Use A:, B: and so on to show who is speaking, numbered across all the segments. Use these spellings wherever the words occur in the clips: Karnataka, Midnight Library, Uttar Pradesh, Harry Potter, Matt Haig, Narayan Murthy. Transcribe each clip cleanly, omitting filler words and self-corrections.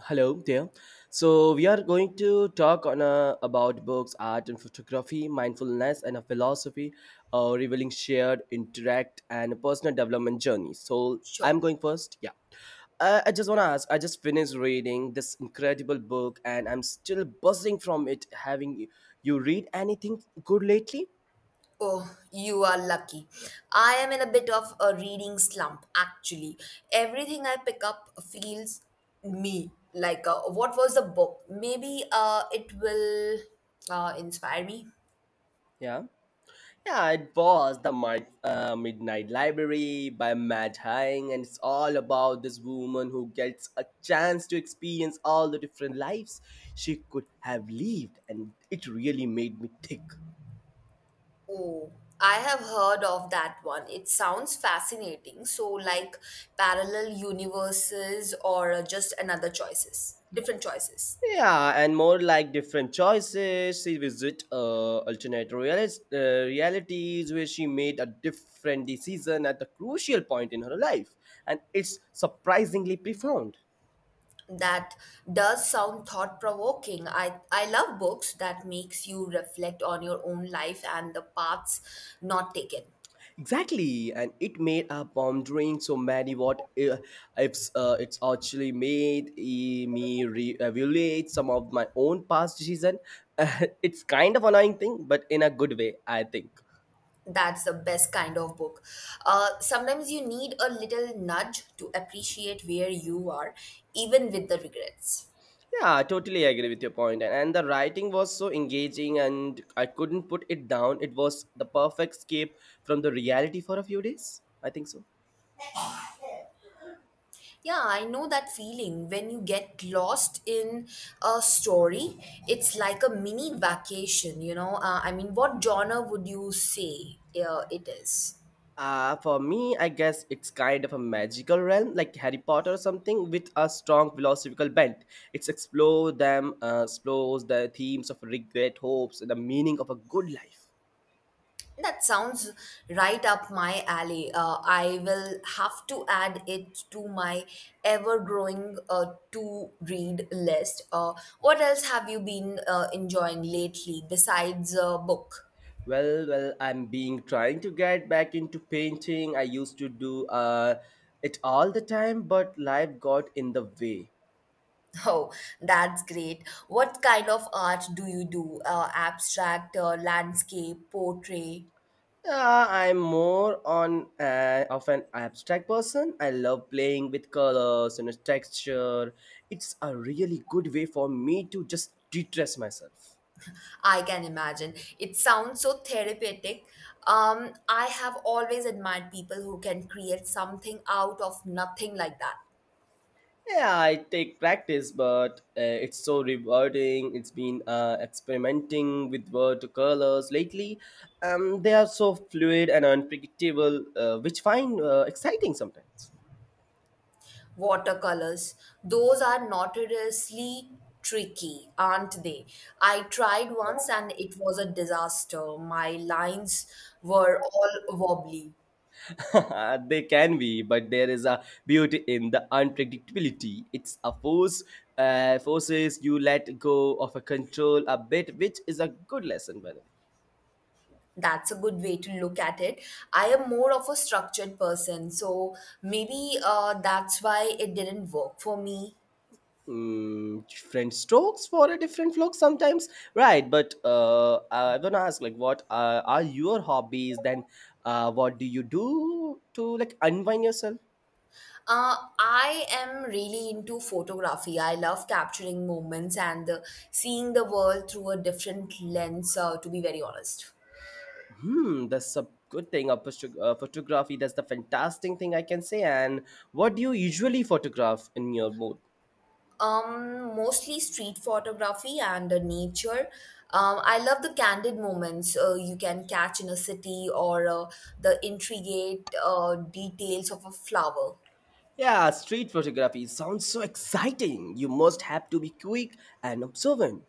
A: Hello there. So we are going to talk on about books, art and photography, mindfulness and a philosophy, revealing shared interact and personal development journey. So
B: Sure.
A: I'm going first. Yeah. I just want to ask. I just finished reading this incredible book and I'm still buzzing from it. Having you read anything good lately?
B: Oh, you are lucky. I am in a bit of a reading slump, actually. Everything I pick up feels me. Like, what was the book? Maybe it will inspire me.
A: Yeah. Yeah, it was the Midnight Library by Matt Haig, and it's all about this woman who gets a chance to experience all the different lives she could have lived, and it really made me think.
B: Oh, I have heard of that one. It sounds fascinating. So, like parallel universes or just another choices, different choices.
A: Yeah, and more like different choices. She visit alternate realities where she made a different decision at a crucial point in her life, and it's surprisingly profound.
B: That does sound thought provoking. I love books that makes you reflect on your own life and the paths not taken.
A: Exactly, and it made our pondering so many what if it's actually made me reevaluate some of my own past decision. It's kind of annoying thing, but in a good way, I think.
B: That's the best kind of book. Sometimes you need a little nudge to appreciate where you are, even with the regrets.
A: Yeah, I totally agree with your point. And the writing was so engaging, and I couldn't put it down. It was the perfect escape from the reality for a few days. I think so.
B: Yeah, I know that feeling when you get lost in a story. It's like a mini vacation, you know. I mean, what genre would you say it is?
A: For me, I guess it's kind of a magical realm, like Harry Potter or something, with a strong philosophical bent. It's explore them, explores the themes of regret, hopes, and the meaning of a good life.
B: That sounds right up my alley. I will have to add it to my ever growing to read list. What else have you been enjoying lately besides a book?
A: Well, I'm being trying to get back into painting. I used to do it all the time, but life got in the way.
B: Oh, that's great. What kind of art do you do? Abstract, landscape, portrait?
A: I'm more on of an abstract person. I love playing with colors and texture. It's a really good way for me to just de-stress myself.
B: I can imagine. It sounds so therapeutic. I have always admired people who can create something out of nothing like that.
A: Yeah, I take practice, but it's so rewarding. It's been experimenting with watercolors lately. They are so fluid and unpredictable, which find exciting sometimes.
B: Watercolors. Those are notoriously tricky, aren't they? I tried once and it was a disaster. My lines were all wobbly.
A: They can be, but there is a beauty in the unpredictability. It's a force, forces you let go of a control a bit, which is a good lesson, by the way.
B: That's a good way to look at it. I am more of a structured person, so maybe that's why it didn't work for me.
A: Mm, different strokes for a different flock sometimes, right? But I want to ask, like, what are your hobbies? Then, what do you do to like unwind yourself?
B: I am really into photography. I love capturing moments and seeing the world through a different lens, to be very honest.
A: Hmm, that's a good thing. Photography, that's the fantastic thing I can say. And what do you usually photograph in your mood?
B: Mostly street photography and nature. I love the candid moments you can catch in a city or the intricate details of a flower.
A: Yeah, street photography sounds so exciting. You must have to be quick and observant.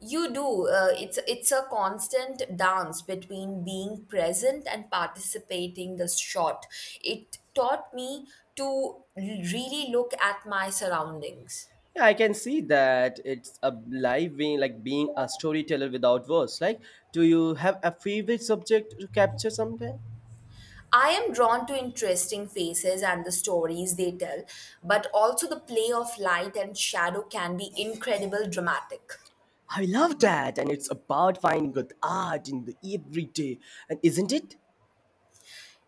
B: You do. It's a constant dance between being present and participating the shot. It taught me to really look at my surroundings.
A: Yeah, I can see that it's a live being like being a storyteller without words. Like, do you have a favorite subject to capture someday?
B: I am drawn to interesting faces and the stories they tell, but also the play of light and shadow can be incredible dramatic.
A: I love that, and it's about finding good art in the everyday, and isn't it?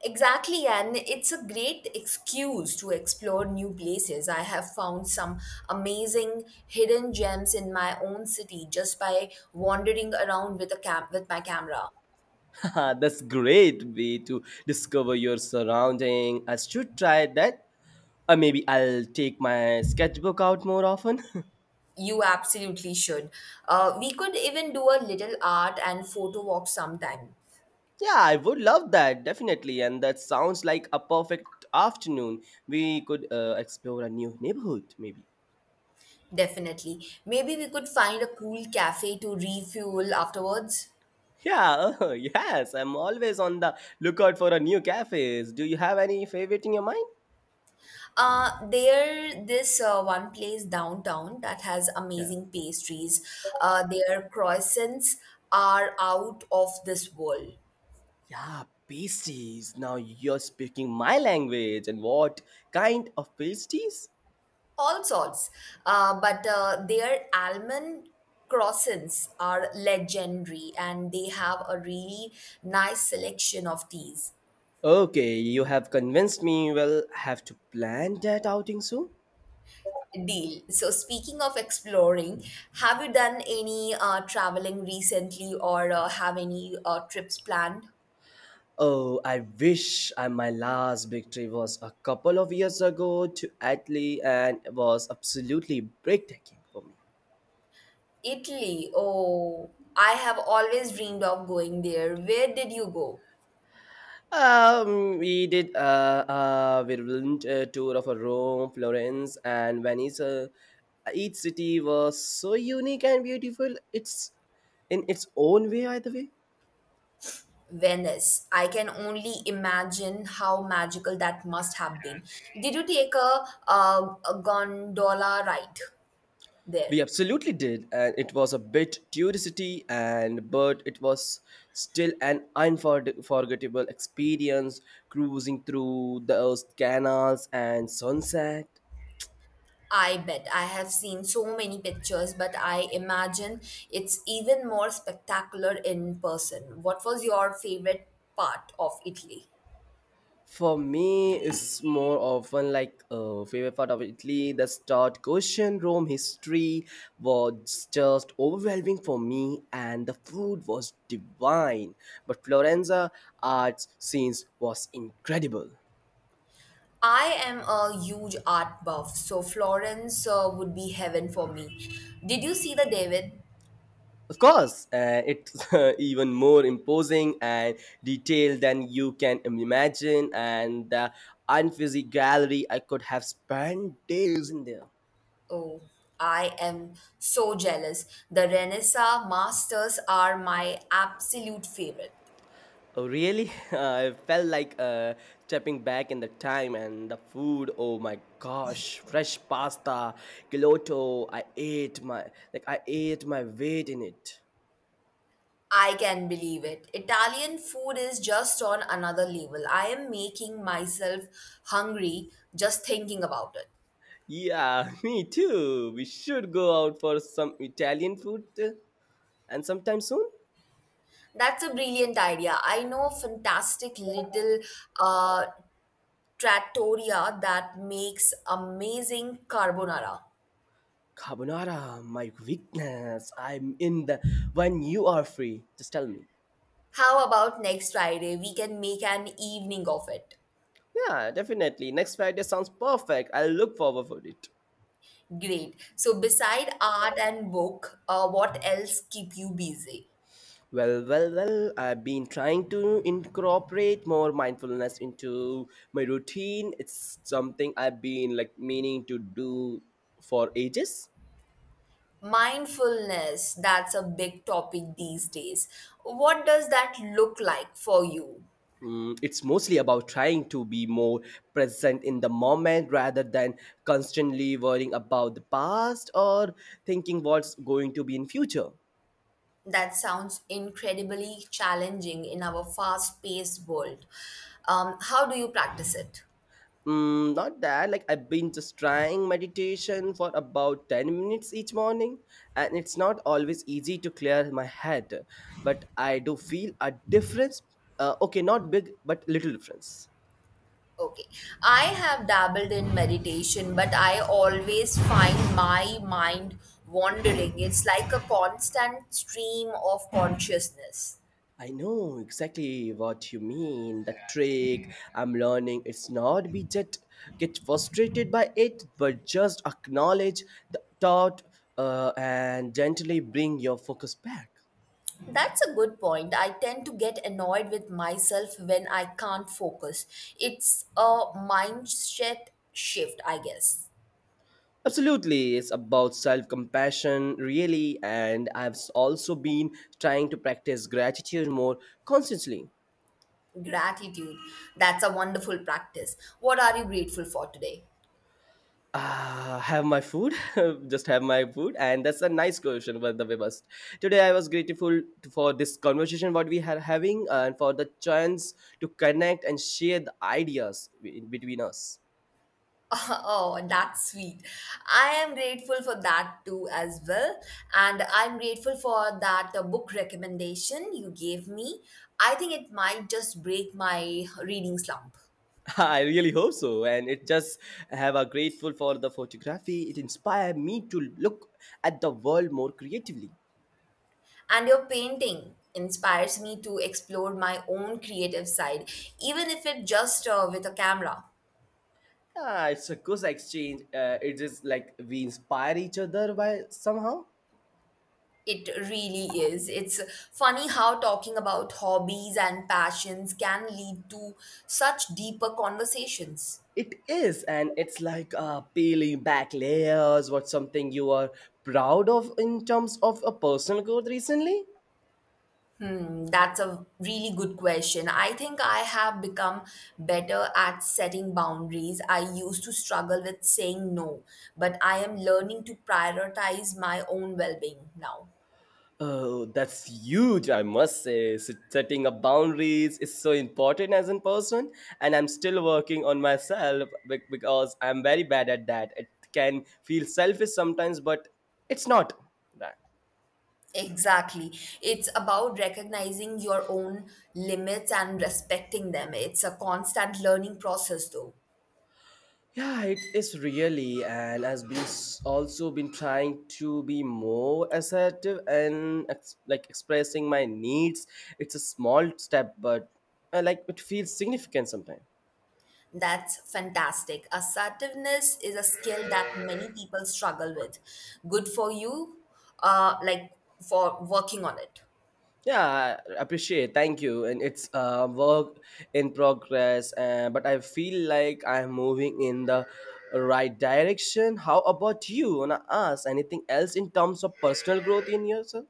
B: Exactly, and it's a great excuse to explore new places. I have found some amazing hidden gems in my own city just by wandering around with with my camera.
A: That's great way to discover your surrounding. I should try that, or maybe I'll take my sketchbook out more often.
B: You absolutely should. We could even do a little art and photo walk sometime.
A: Yeah, I would love that, definitely. And that sounds like a perfect afternoon. We could explore a new neighborhood, maybe.
B: Definitely. Maybe we could find a cool cafe to refuel afterwards.
A: Yeah, oh, yes, I'm always on the lookout for a new cafes. Do you have any favorite in your mind?
B: There this one place downtown that has
A: Yeah.
B: amazing pastries. Their croissants are out of this world,
A: Yeah, pasties. Now you're speaking my language. And what kind of pasties?
B: all sorts. But their almond croissants are legendary, and they have a really nice selection of teas.
A: Okay, you have convinced me. We'll have to plan that outing soon.
B: Deal. So, speaking of exploring, have you done any traveling recently, or have any trips planned?
A: Oh, I wish I, my last victory was a couple of years ago to Italy and it was absolutely breathtaking for me.
B: Italy. Oh, I have always dreamed of going there. Where did you go?
A: We did a whirlwind tour of Rome, Florence, and Venice. Each city was so unique and beautiful. It's in its own way, either way.
B: Venice. I can only imagine how magical that must have been. Did you take a gondola ride
A: We
B: there?
A: absolutely did, and it was a bit touristy, and but it was still an unforgettable experience cruising through those canals and sunset.
B: I bet. I have seen so many pictures, but I imagine it's even more spectacular in person. What was your favorite part of Italy?
A: For me, it's more often like a favorite part of Italy. The start question Rome history was just overwhelming for me, and the food was divine. But Florenza arts scenes was incredible.
B: I am a huge art buff, so Florence would be heaven for me. Did you see the David?
A: Of course, it's even more imposing and detailed than you can imagine, and the unfuzzy gallery, I could have spent days in there.
B: Oh, I am so jealous. The Renaissance masters are my absolute favorite.
A: Oh, really? I felt like stepping back in the time and the food. Oh my gosh, fresh pasta, gelato. I ate my weight in it.
B: I can believe it. Italian food is just on another level. I am making myself hungry just thinking about it.
A: Yeah, me too. We should go out for some Italian food and sometime soon.
B: That's a brilliant idea. I know a fantastic little uh, trattoria that makes amazing carbonara.
A: Carbonara, my weakness. I'm in the when you are free. Just tell me.
B: How about next Friday? We can make an evening of it.
A: Yeah, definitely. Next Friday sounds perfect. I'll look forward for it.
B: Great. So, beside art and book, what else keep you busy?
A: Well. I've been trying to incorporate more mindfulness into my routine. It's something I've been like meaning to do for ages.
B: Mindfulness, that's a big topic these days. What does that look like for you?
A: Mm, it's mostly about trying to be more present in the moment rather than constantly worrying about the past or thinking what's going to be in future.
B: That sounds incredibly challenging in our fast paced world. How do you practice it?
A: Mm, not that like I've been just trying meditation for about 10 minutes each morning, and it's not always easy to clear my head, but I do feel a difference. Okay, not big but little difference.
B: Okay, I have dabbled in meditation, but I always find my mind wandering. It's like a constant stream of consciousness.
A: I know exactly what you mean. The trick I'm learning it's not be just get frustrated by it, but just acknowledge the thought and gently bring your focus back.
B: That's a good point. I tend to get annoyed with myself when I can't focus. It's a mindset shift, I guess.
A: Absolutely, it's about self compassion, really, and I've also been trying to practice gratitude more constantly.
B: Gratitude. That's a wonderful practice. What are you grateful for today?
A: Ah, have my food. Just have my food, and that's a nice question by the way. Bust today I was for this conversation what we are having, and for the chance to connect and share the ideas in between us.
B: Oh, that's sweet. I am grateful for that too, as well. And I'm grateful for that book recommendation you gave me. I think it might just break my reading slump.
A: I really hope so, and it just have a grateful for the photography. It inspired me to look at the world more creatively.
B: And your painting inspires me to explore my own creative side, even if it just with a camera.
A: Ah, it's a good exchange. It is like we inspire each other by somehow.
B: It really is. It's funny how talking about hobbies and passions can lead to such deeper conversations.
A: It is, and it's like peeling back layers. What's something you are proud of in terms of a personal growth recently?
B: Hmm, that's a really good question. I think I have become better at setting boundaries. I used to struggle with saying no, but I am learning to prioritize my own well being now.
A: Oh, that's huge, I must say. Setting up boundaries is so important as a person, and I'm still working on myself because I'm very bad at that. It can feel selfish sometimes, but it's not.
B: Exactly. It's about recognizing your own limits and respecting them. It's a constant learning process, though.
A: Yeah, it is really, and has been also been trying to be more assertive and like expressing my needs. It's a small step, but like it feels significant sometimes.
B: That's fantastic. Assertiveness is a skill that many people struggle with. Good for you, like for working on it.
A: Yeah, I appreciate. Thank you, and it's work in progress. But I feel like I'm moving in the right direction. How about you? Wanna ask anything else in terms of personal growth in yourself?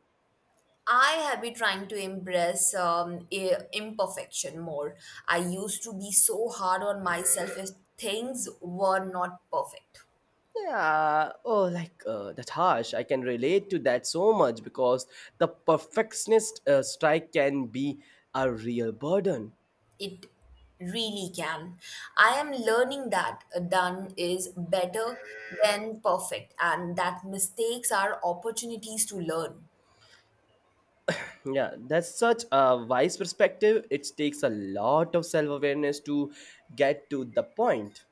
B: I have been trying to embrace imperfection more. I used to be so hard on myself if things were not perfect.
A: Yeah, oh, like that harsh. I can relate to that so much because the perfectionist strike can be a real burden.
B: It really can. I am learning that done is better than perfect and that mistakes are opportunities to learn.
A: Yeah, that's such a wise perspective. It takes a lot of self awareness to get to the point.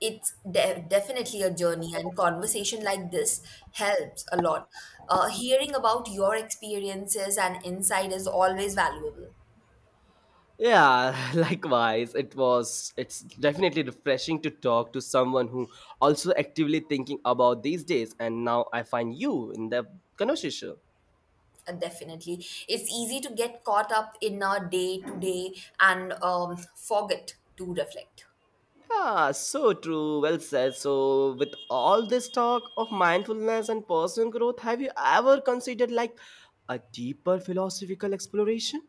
B: It's definitely a journey, and conversation like this helps a lot. Hearing about your experiences and insight is always valuable.
A: Yeah, likewise. It's definitely refreshing to talk to someone who also actively thinking about these days, and now I find you in the conversation.
B: Definitely. It's easy to get caught up in a day to day and forget to reflect.
A: Ah, so true. Well said. So, with all this talk of mindfulness and personal growth, have you ever considered like a deeper philosophical exploration?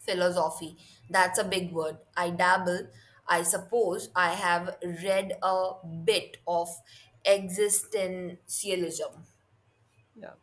B: Philosophy. That's a big word. I dabble. I suppose I have read a bit of existentialism.
A: Yeah.